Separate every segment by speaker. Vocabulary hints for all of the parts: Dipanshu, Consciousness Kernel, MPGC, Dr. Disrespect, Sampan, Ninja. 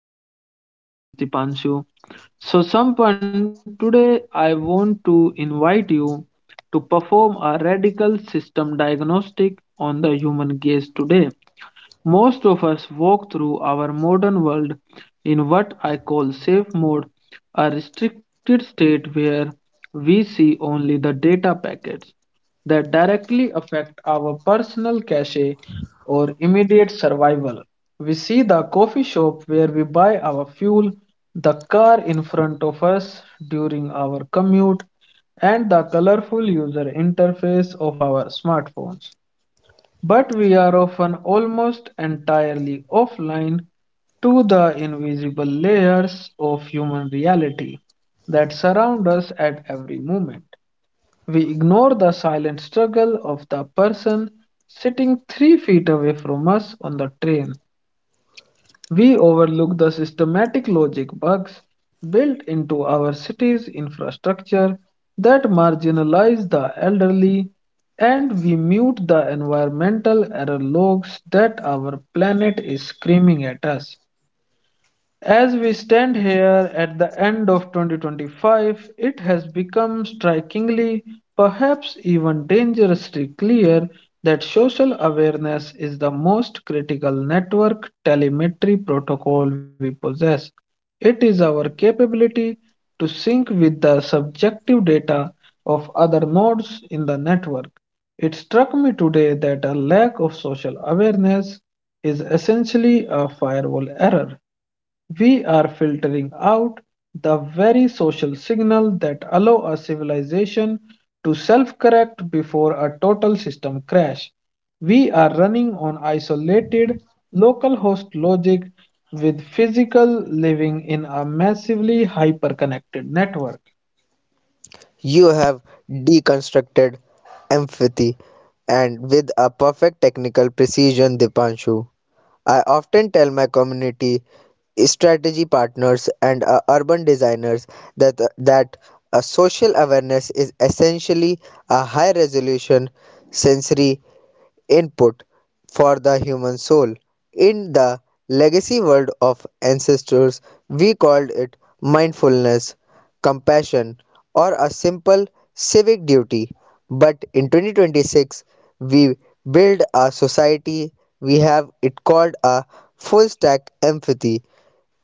Speaker 1: podcast. My name is Dipanshu. So, Sampan, today I want to invite you to perform a radical system diagnostic on the human gaze today. Most of us walk through our modern world in what I call safe mode, a restricted state where we see only the data packets that directly affect our personal cache or immediate survival. We see the coffee shop where we buy our fuel, the car in front of us during our commute, and the colorful user interface of our smartphones, but we are often almost entirely offline to the invisible layers of human reality that surround us at every moment. We ignore the silent struggle of the person sitting 3 feet away from us on the train. We overlook the systematic logic bugs built into our cities' infrastructure that marginalize the elderly, and we mute the environmental error logs that our planet is screaming at us. As we stand here at the end of 2025, it has become strikingly, perhaps even dangerously clear that social awareness is the most critical network telemetry protocol we possess. It is our capability to sync with the subjective data of other nodes in the network. It struck me today that a lack of social awareness is essentially a firewall error. We are filtering out the very social signal that allow a civilization to self-correct before a total system crash. We are running on isolated local host logic with physical living in a massively hyper-connected network.
Speaker 2: You have deconstructed empathy and with a perfect technical precision, Dipanshu. I often tell my community strategy partners and urban designers that a social awareness is essentially a high resolution sensory input for the human soul. In the legacy world of ancestors, we called it mindfulness compassion, or a simple civic duty. But in 2026, we build a society, we have it called a full stack empathy.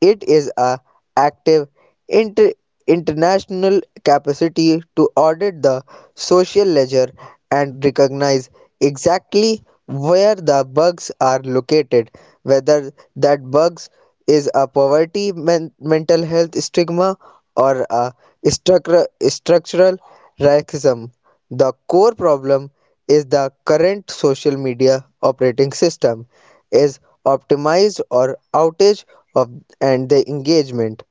Speaker 2: It is a active inter- international capacity to audit the social ledger and recognize exactly where the bugs are located, whether that bugs is a poverty, mental health stigma, or a structure structural racism. The core problem is the current social media operating system is optimized or outage of and the engagement,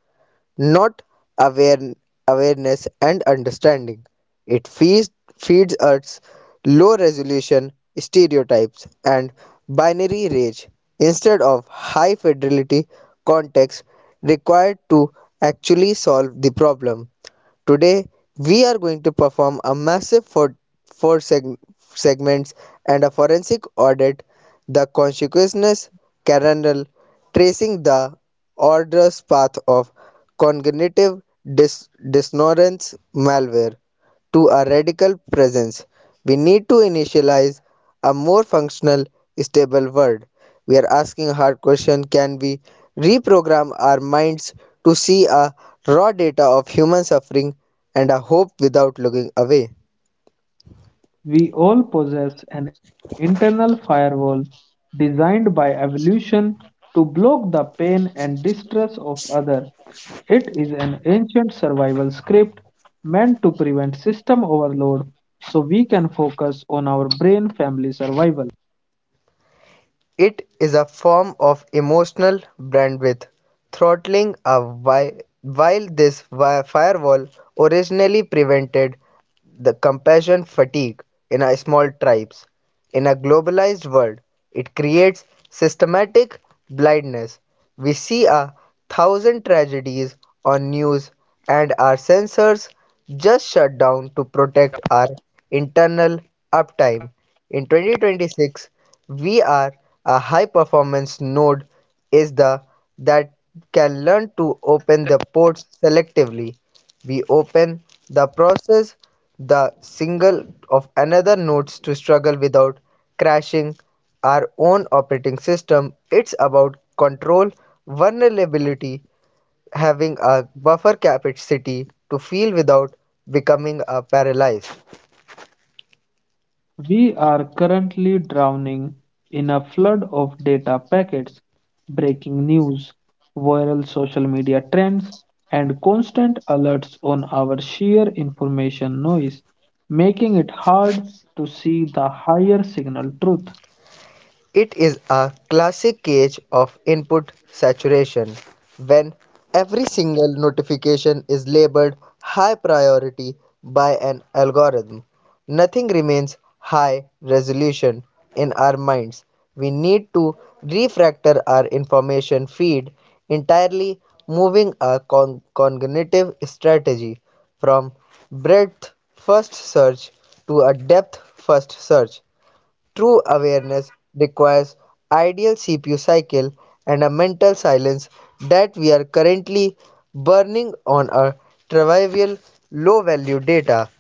Speaker 2: not aware, awareness and understanding. It feeds us low resolution stereotypes and binary rage instead of high fidelity context required to actually solve the problem. Today, we are going to perform a massive four segments and a forensic audit, the consciousness kernel, tracing the arduous path of cognitive dissonance malware. To a radical presence, we need to initialize a more functional, stable world. We are asking a hard question: can we reprogram our minds to see a raw data of human suffering and a hope without looking away?
Speaker 1: We all possess an internal firewall designed by evolution to block the pain and distress of others. It is an ancient survival script meant to prevent system overload so we can focus on our brain family survival.
Speaker 2: It is a form of emotional bandwidth, throttling a while this firewall originally prevented the compassion fatigue in our small tribes. In a globalized world, it creates systematic blindness. We see a thousand tragedies on news and our sensors just shut down to protect our internal uptime. In 2026, we are a high performance node is the that can learn to open the ports selectively. We open the process the single of another nodes to struggle without crashing our own operating system. It's about control, vulnerability, having a buffer capacity to feel without becoming a paralyzed.
Speaker 1: We are currently drowning in a flood of data packets, breaking news, viral social media trends, and constant alerts on our sheer information noise, making it hard to see the higher signal truth.
Speaker 2: It is a classic case of input saturation, when every single notification is labeled high priority by an algorithm. Nothing remains high resolution in our minds. We need to refactor our information feed entirely, moving our cognitive strategy from breadth first search to a depth first search. True awareness requires ideal CPU cycle and a mental silence that we are currently burning on our trivial low value data.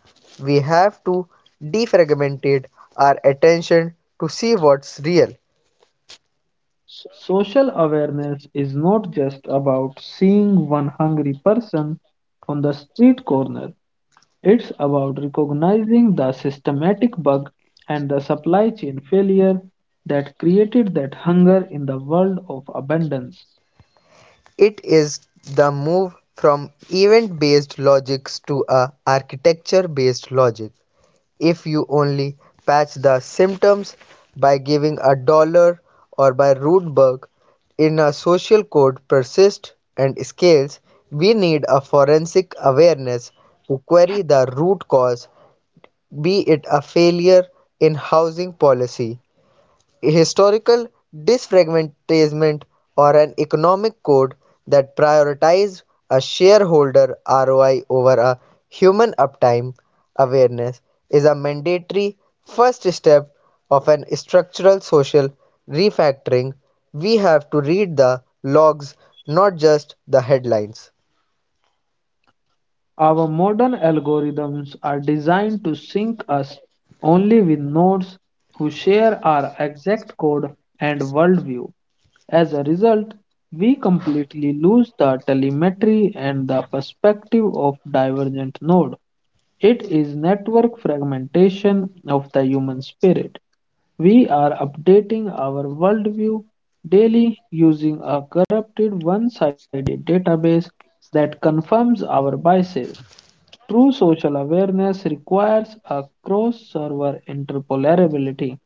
Speaker 2: We have to defragmentate our attention to see what's real.
Speaker 1: Social awareness is not just about seeing one hungry person on the street corner. It's about recognizing the systematic bug and the supply chain failure that created that hunger in the world of abundance.
Speaker 2: It is the move from event based logics to a architecture based logic. If you only patch the symptoms by giving a dollar or by Rudberg in a social code persists and scales, we need a forensic awareness to query the root cause, be it a failure in housing policy, historical disfranchisement, or an economic code that prioritizes a shareholder ROI over a human uptime. Awareness is a mandatory first step of an structural social refactoring. We have to read the logs, not just the headlines.
Speaker 1: Our modern algorithms are designed to sync us only with nodes who share our exact code and worldview. As a result, we completely lose the telemetry and the perspective of divergent node. It is network fragmentation of the human spirit. We are updating our worldview daily using a corrupted one sided database that confirms our biases. True social awareness requires a cross-server interoperability.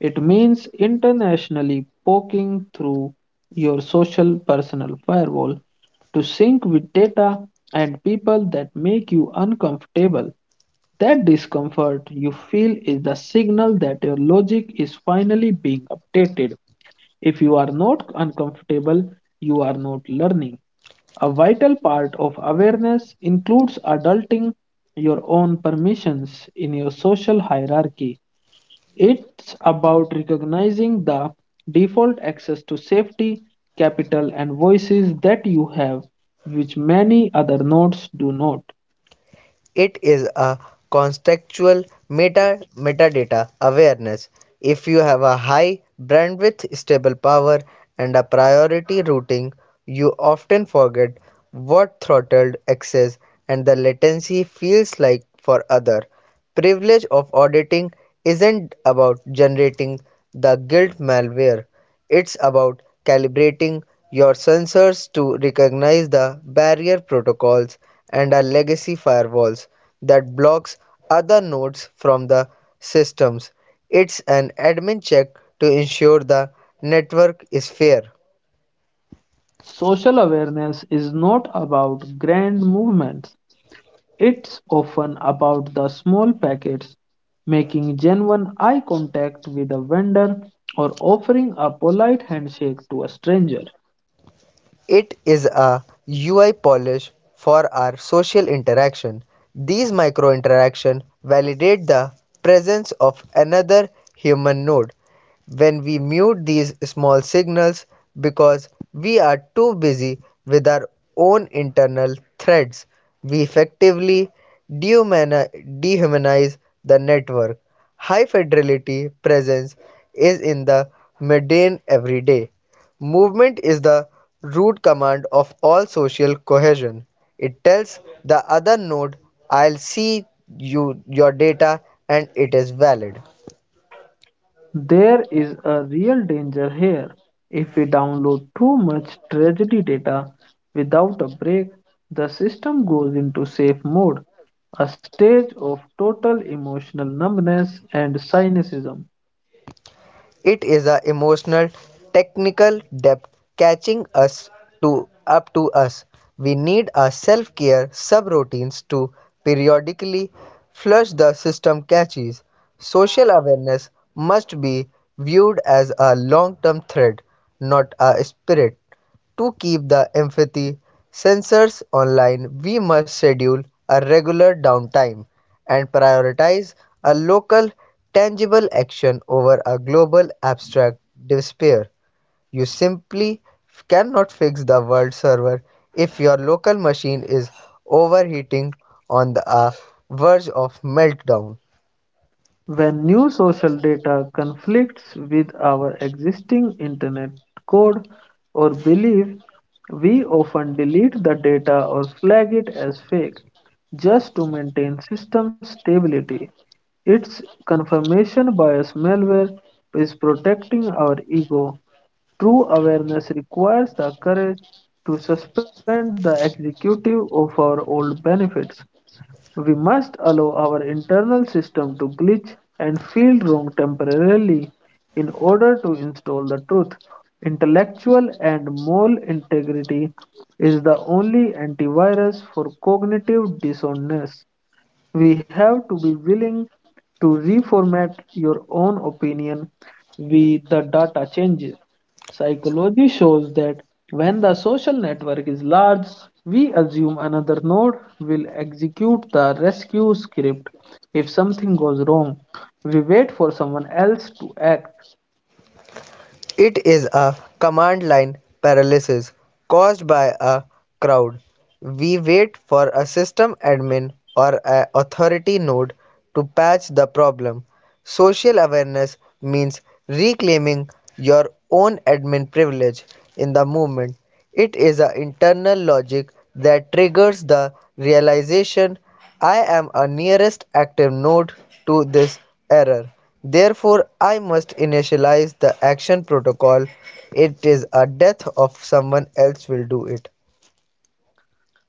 Speaker 1: It means internationally poking through your social personal firewall to sync with data and people that make you uncomfortable. That discomfort you feel is the signal that your logic is finally being updated. If you are not uncomfortable, you are not learning. A vital part of awareness includes adulting your own permissions in your social hierarchy. It's about recognizing the default access to safety, capital, and voices that you have, which many other nodes do not.
Speaker 2: It is a contextual metadata awareness. If you have a high bandwidth, stable power, and a priority routing, you often forget what throttled access and the latency feels like for other. Privilege of auditing isn't about generating the guilt malware. It's about calibrating your sensors to recognize the barrier protocols and are legacy firewalls that blocks other nodes from the systems. It's an admin check to ensure the network is fair.
Speaker 1: Social awareness is not about grand movements. It's often about the small packets, making genuine eye contact with a vendor or offering a polite handshake to a stranger.
Speaker 2: It is a UI polish for our social interaction. These micro-interactions validate the presence of another human node. When we mute these small signals because we are too busy with our own internal threads, we effectively dehumanize the network. High fidelity presence is in the mundane everyday. Movement is the root command of all social cohesion. It tells the other node, I'll see you your data and it is valid.
Speaker 1: There is a real danger here. If we download too much tragedy data without a break, the system goes into safe mode, a stage of total emotional numbness and cynicism.
Speaker 2: It is a emotional, technical depth catching us to up to us. We need our self-care subroutines to periodically flush the system catches. Social awareness must be viewed as a long-term threat, not a spirit. To keep the empathy sensors online, we must schedule a regular downtime and prioritize a local, tangible action over a global, abstract despair. You simply cannot fix the world server if your local machine is overheating on the verge of meltdown.
Speaker 1: When new social data conflicts with our existing internet code or belief, we often delete the data or flag it as fake just to maintain system stability. Its confirmation bias malware is protecting our ego. True awareness requires the courage to suspend the executive of our old benefits. We must allow our internal system to glitch and feel wrong temporarily in order to install the truth. Intellectual and moral integrity is the only antivirus for cognitive dissonance. We have to be willing to reformat your own opinion with the data changes. Psychology shows that when the social network is large, we assume another node will execute the rescue script if something goes wrong. We wait for someone else to act.
Speaker 2: It is a command line paralysis caused by a crowd. We wait for a system admin or an authority node to patch the problem. Social awareness means reclaiming your own admin privilege in the movement. It is an internal logic that triggers the realization: I am a nearest active node to this error. Therefore, I must initialize the action protocol. It is a death of someone else will do it.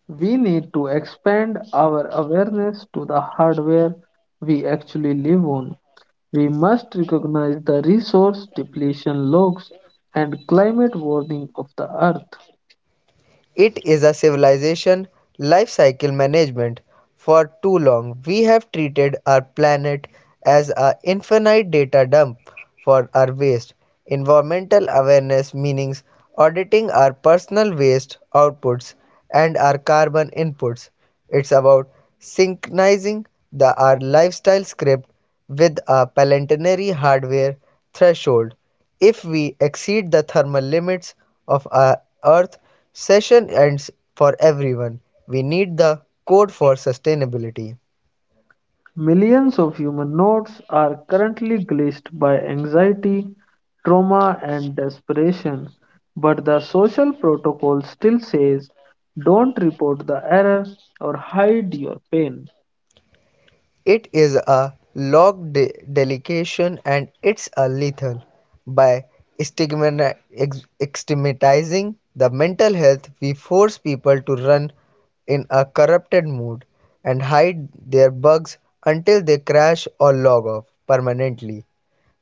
Speaker 1: We need to expand our awareness to the hardware we actually live on. We must recognize the resource depletion logs and climate warning of the earth.
Speaker 2: It is a civilization life cycle management. For too long, we have treated our planet as an infinite data dump for our waste. Environmental awareness means auditing our personal waste outputs and our carbon inputs. It's about synchronizing our lifestyle script with a planetary hardware threshold. If we exceed the thermal limits of our Earth, session ends for everyone. We need the code for sustainability.
Speaker 1: Millions of human notes are currently glitched by anxiety, trauma, and desperation, but the social protocol still says don't report the error or hide your pain.
Speaker 2: It is a log delegation and it's a lethal. By stigmani- ex- stigmatizing the mental health, we force people to run in a corrupted mood and hide their bugs until they crash or log off permanently.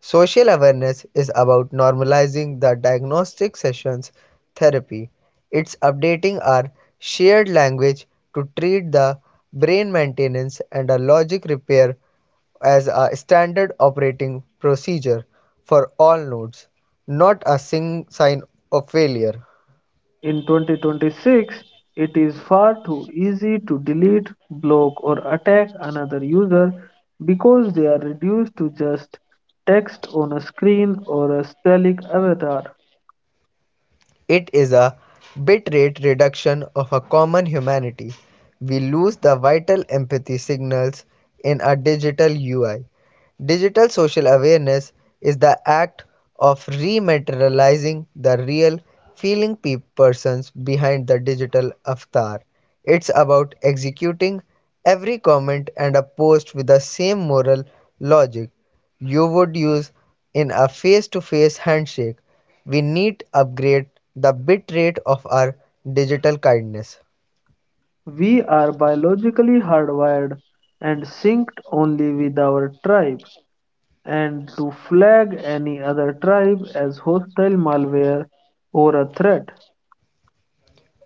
Speaker 2: Social awareness is about normalizing the diagnostic sessions therapy. It's updating our shared language to treat the brain maintenance and a logic repair as a standard operating procedure for all nodes, not a sing sign of failure.
Speaker 1: In 2026, it is far too easy to delete, block, or attack another user because they are reduced to just text on a screen or a stylic avatar.
Speaker 2: It is a bitrate reduction of a common humanity. We lose the vital empathy signals in a digital UI. Digital social awareness is the act of rematerializing the real feeling persons behind the digital avatar. It's about executing every comment and a post with the same moral logic you would use in a face to face handshake. We need to upgrade the bit rate of our digital kindness.
Speaker 1: We are biologically hardwired and synced only with our tribe, and to flag any other tribe as hostile malware or a threat.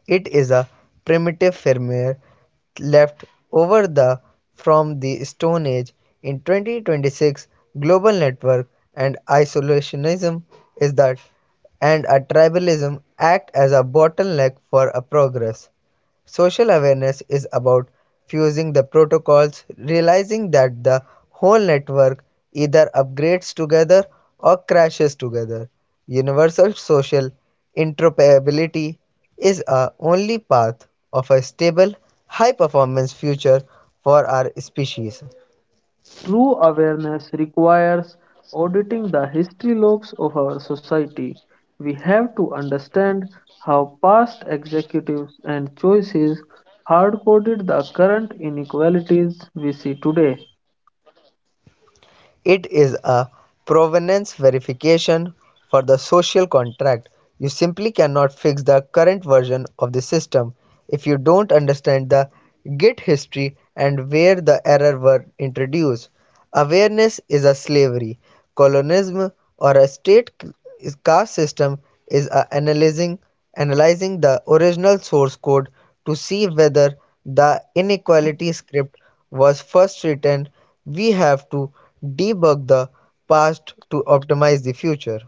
Speaker 2: It is a primitive firmware left over the from the Stone Age. In 2026, global network and isolationism is that and a tribalism act as a bottleneck for a progress. Social awareness is about fusing the protocols, realizing that the whole network either upgrades together or crashes together. Universal social interoperability is a only path of a stable, high performance future for our species.
Speaker 1: True awareness requires auditing the history logs of our society. We have to understand how past executives and choices hard coded the current inequalities we see today.
Speaker 2: It is a provenance verification for the social contract. You simply cannot fix the current version of the system if you don't understand the Git history and where the error were introduced. Awareness is a slavery colonialism or a state caste system is a analyzing the original source code to see whether the inequality script was first written. We have to debug the past to optimize the future.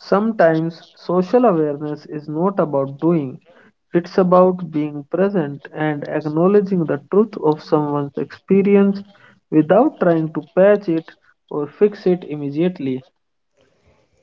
Speaker 1: Sometimes social awareness is not about doing. It's about being present and acknowledging the truth of someone's experience without trying to patch it or fix it immediately.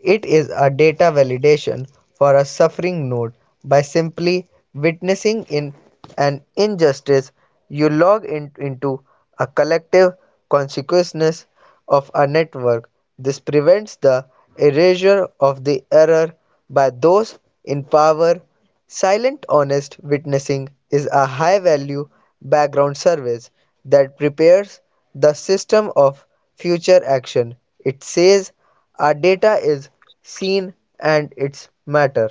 Speaker 2: It is a data validation for a suffering node by simply witnessing in an injustice you log into a collective consciousness of a network. This prevents the erasure of the error by those in power. Silent honest witnessing is a high value background service that prepares the system of future action. It says our data is seen and its matter.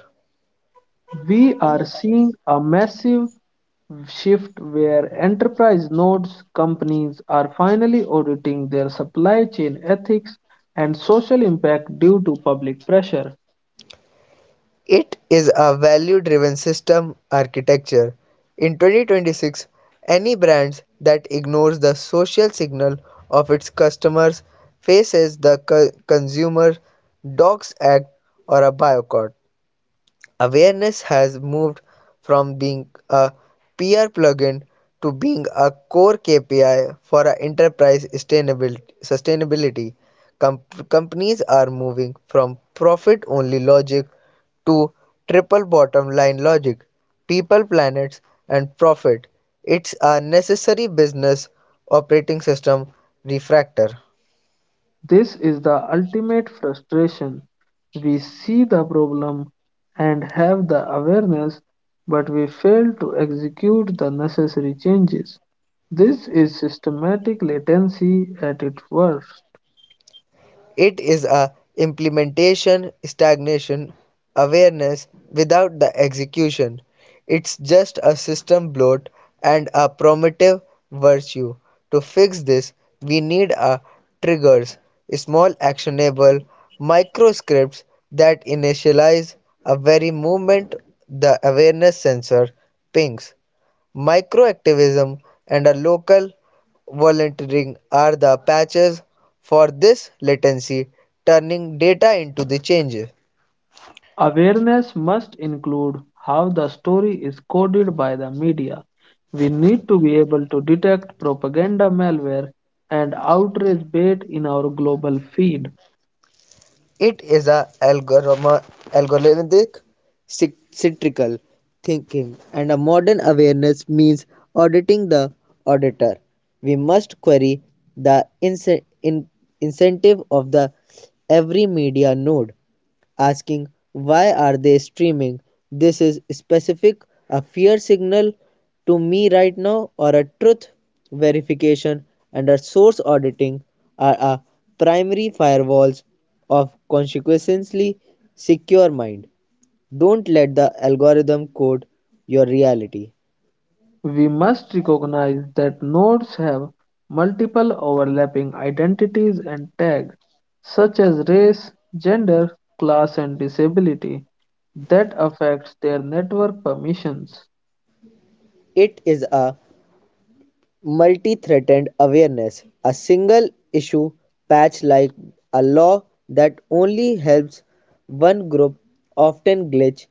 Speaker 1: We are seeing a massive shift where enterprise nodes companies are finally auditing their supply chain ethics and social impact due to public pressure.
Speaker 2: It is a value-driven system architecture. In 2026, any brand that ignores the social signal of its customers faces the consumer dogs act or a boycott. Awareness has moved from being a peer plugin to being a core KPI for a enterprise sustainability. Com- companies are moving from profit only logic to triple bottom line logic people, planets, and profit. It's a necessary business operating system refactor.
Speaker 1: This is the ultimate frustration. We see the problem and have the awareness, but we fail to execute the necessary changes. This is systematic latency at its worst.
Speaker 2: It is a implementation stagnation awareness without the execution. It's just a system bloat and a primitive virtue. To fix this, we need a triggers, small actionable micro scripts that initialize a very moment the awareness sensor pings. Microactivism and a local volunteering are the patches for this latency, turning data into the change.
Speaker 1: Awareness must include how the story is coded by the media. We need to be able to detect propaganda malware and outrage bait in our global feed.
Speaker 2: It is a algorithmic cyclical thinking and a modern awareness means auditing the auditor. We must query the incentive of the every media node. Asking, why are they streaming this? Is specific a fear signal to me right now, or a truth verification and a source auditing are a primary firewalls of consequently secure mind. Don't let the algorithm code your reality.
Speaker 1: We must recognize that nodes have multiple overlapping identities and tags, such as race, gender, class, and disability, that affects their network permissions.
Speaker 2: It is a multi-threatened awareness. A single issue patch like a law that only helps one group often glitch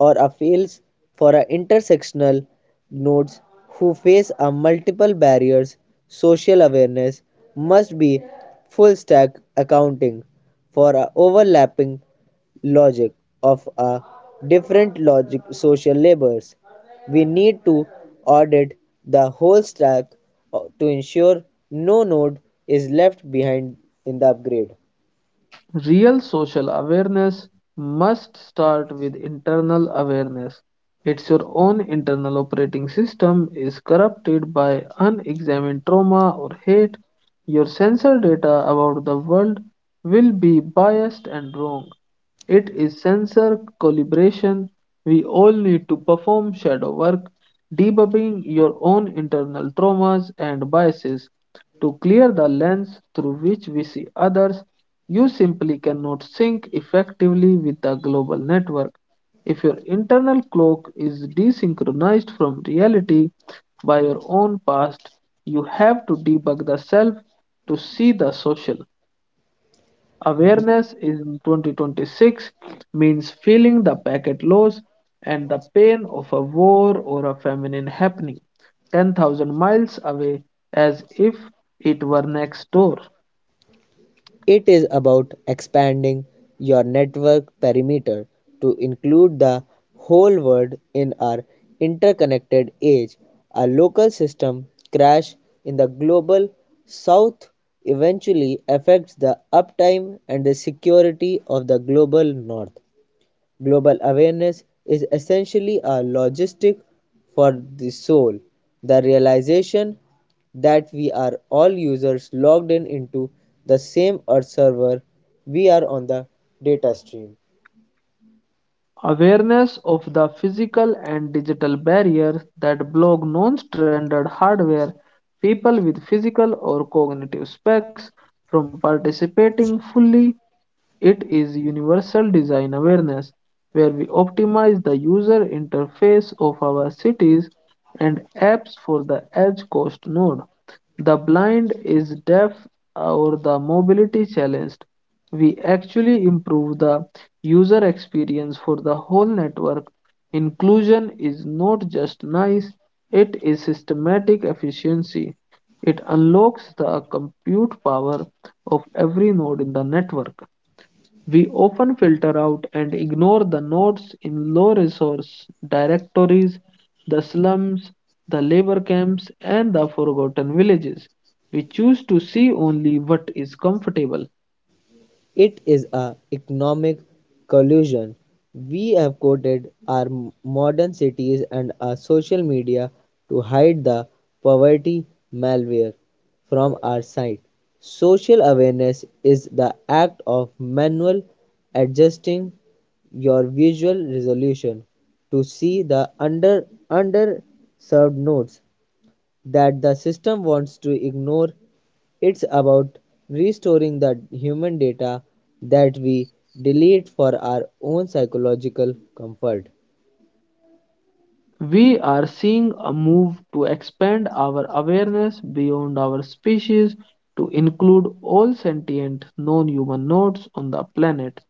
Speaker 2: or fails for a intersectional nodes who face a multiple barriers. Social awareness must be full stack accounting for a overlapping logic of a different logic social labors. We need to audit the whole stack to ensure no node is left behind in the upgrade.
Speaker 1: Real social awareness must start with internal awareness. It's your own internal operating system is corrupted by unexamined trauma or hate. Your sensor data about the world will be biased and wrong. It is sensor calibration. We all need to perform shadow work, debugging your own internal traumas and biases to clear the lens through which we see others. You simply cannot sync effectively with the global network. If your internal clock is desynchronized from reality by your own past, you have to debug the self to see the social. Awareness in 2026 means feeling the packet loss and the pain of a war or a famine happening 10,000 miles away as if it were next door.
Speaker 2: It is about expanding your network perimeter to include the whole world in our interconnected age. A local system crash in the global south eventually affects the uptime and the security of the global north. Global awareness is essentially a logistic for the soul, the realization that we are all users logged in into the same earth server, we are on the data stream.
Speaker 1: Awareness of the physical and digital barriers that block non standard hardware, people with physical or cognitive specs from participating fully. It is universal design awareness, where we optimize the user interface of our cities and apps for the edge cost node. The blind is deaf or the mobility challenged. We actually improve the user experience for the whole network. Inclusion is not just nice, it is systematic efficiency. It unlocks the compute power of every node in the network. We often filter out and ignore the nodes in low resource directories, the slums, the labor camps, and the forgotten villages. We choose to see only what is comfortable.
Speaker 2: It is a economic collusion we have coated our modern cities and our social media to hide the poverty malware from our sight. Social awareness is the act of manual adjusting your visual resolution to see the underserved notes that the system wants to ignore. It's about restoring the human data that we delete for our own psychological comfort.
Speaker 1: We are seeing a move to expand our awareness beyond our species to include all sentient non human nodes on the planet.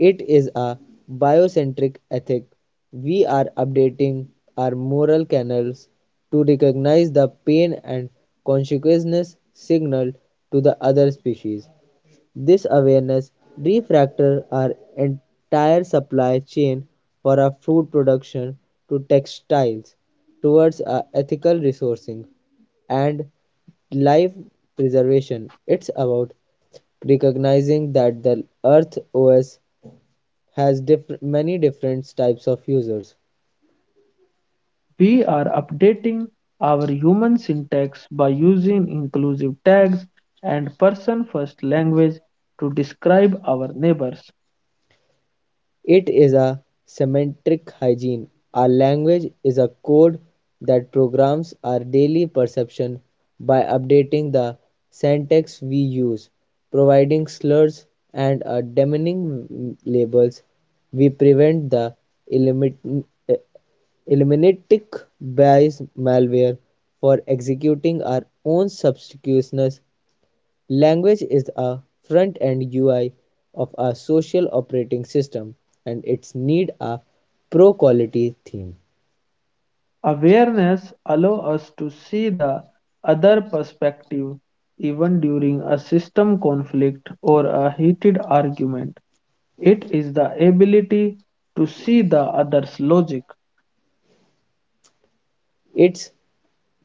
Speaker 2: It is a biocentric ethic. We are updating our moral canals to recognize the pain and consciousness signal to the other species. This awareness refractors our entire supply chain for our food production to textiles towards a ethical resourcing. And life preservation. It's about recognizing that the Earth OS has many different types of users.
Speaker 1: We are updating our human syntax by using inclusive tags and person first language to describe our neighbors.
Speaker 2: It is a semantic hygiene. Our language is a code that programs our daily perception by updating the syntax we use, providing slurs and demeaning labels. We prevent the elimin- eliminating bias malware for executing our own substitution's language is a front-end UI of our social operating system and its need a pro-quality theme.
Speaker 1: Awareness allows us to see the other perspective even during a system conflict or a heated argument. It is the ability to see the other's logic.
Speaker 2: It's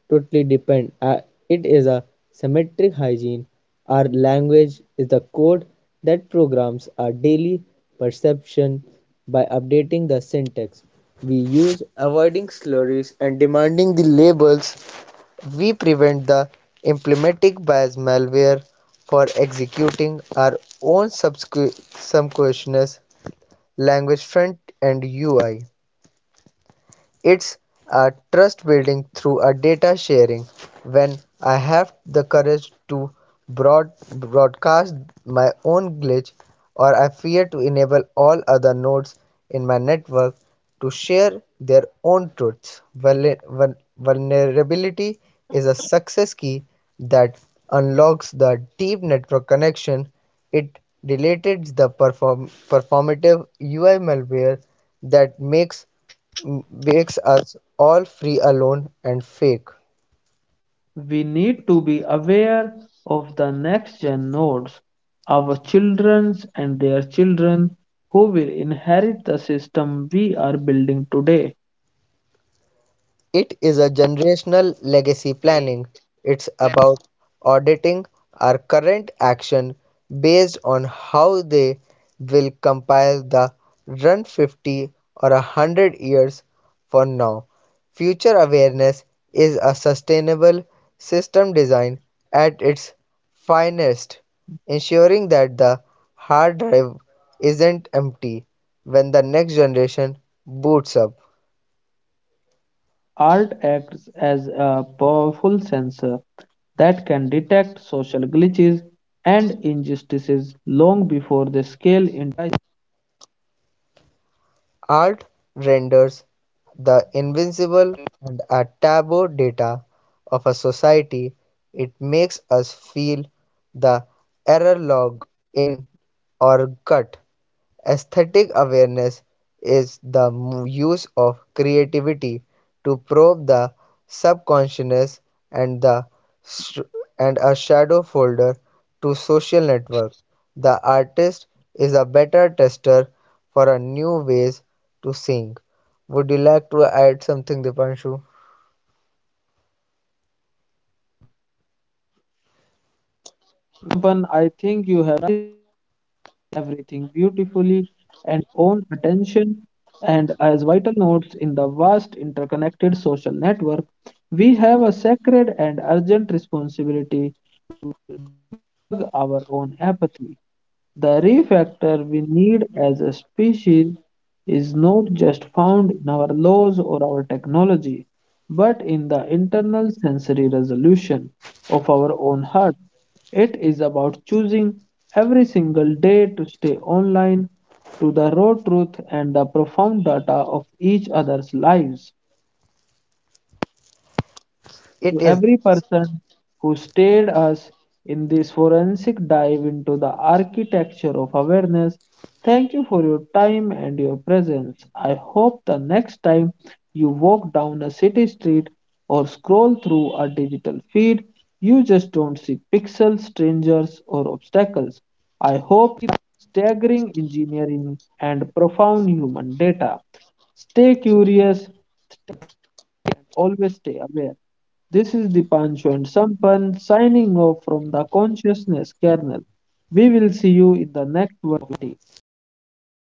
Speaker 2: totally depend. It is a symmetric hygiene. Our language is the code that programs our daily perception by updating the syntax we use, avoiding slurries and demanding the labels. We prevent the implementing bias malware for executing our own subscription language front and UI. It's a trust building through a data sharing. When I have the courage to broadcast my own glitch, or I fear to enable all other nodes in my network to share their own truths. Vulnerability is a success key that unlocks the deep network connection. It deleted the performative UI malware that makes us all free, alone and fake.
Speaker 1: We need to be aware of the next gen nodes, our children and their children, who will inherit the system we are building today.
Speaker 2: It is a generational legacy planning. It's about auditing our current action based on how they will compile the run 50 or 100 years from now. Future awareness is a sustainable system design at its finest, ensuring that the hard drive isn't empty when the next generation boots up.
Speaker 1: Art acts as a powerful sensor that can detect social glitches and injustices long before they scale into.
Speaker 2: Art renders the invincible and a taboo data of a society. It makes us feel the error log in our gut. Aesthetic awareness is the use of creativity to probe the subconscious and the sh- and a shadow folder to social networks. The artist is a better tester for a new ways to sing. Would you like to add something, Dipanshu?
Speaker 1: I think you have everything beautifully. And yes, you are absolutely right. And the lead developers of our own attention and as vital nodes in the vast interconnected social network, we have a sacred and urgent responsibility our own apathy. The refactor we need as a species is not just found in our laws or our technology, but in the internal sensory resolution of our own heart. It is about choosing every single day to stay online to the raw truth and the profound data of each other's lives.
Speaker 2: It is
Speaker 1: To every person who stayed us in this forensic dive into the architecture of awareness, thank you for your time and your presence. I hope the next time you walk down a city street or scroll through a digital feed, you just don't see pixels, strangers, or obstacles. I hope staggering engineering and profound human data. Stay curious. Always stay aware. This is Dipanshu and Sampan signing off from the Consciousness Kernel. We will see you in the next video.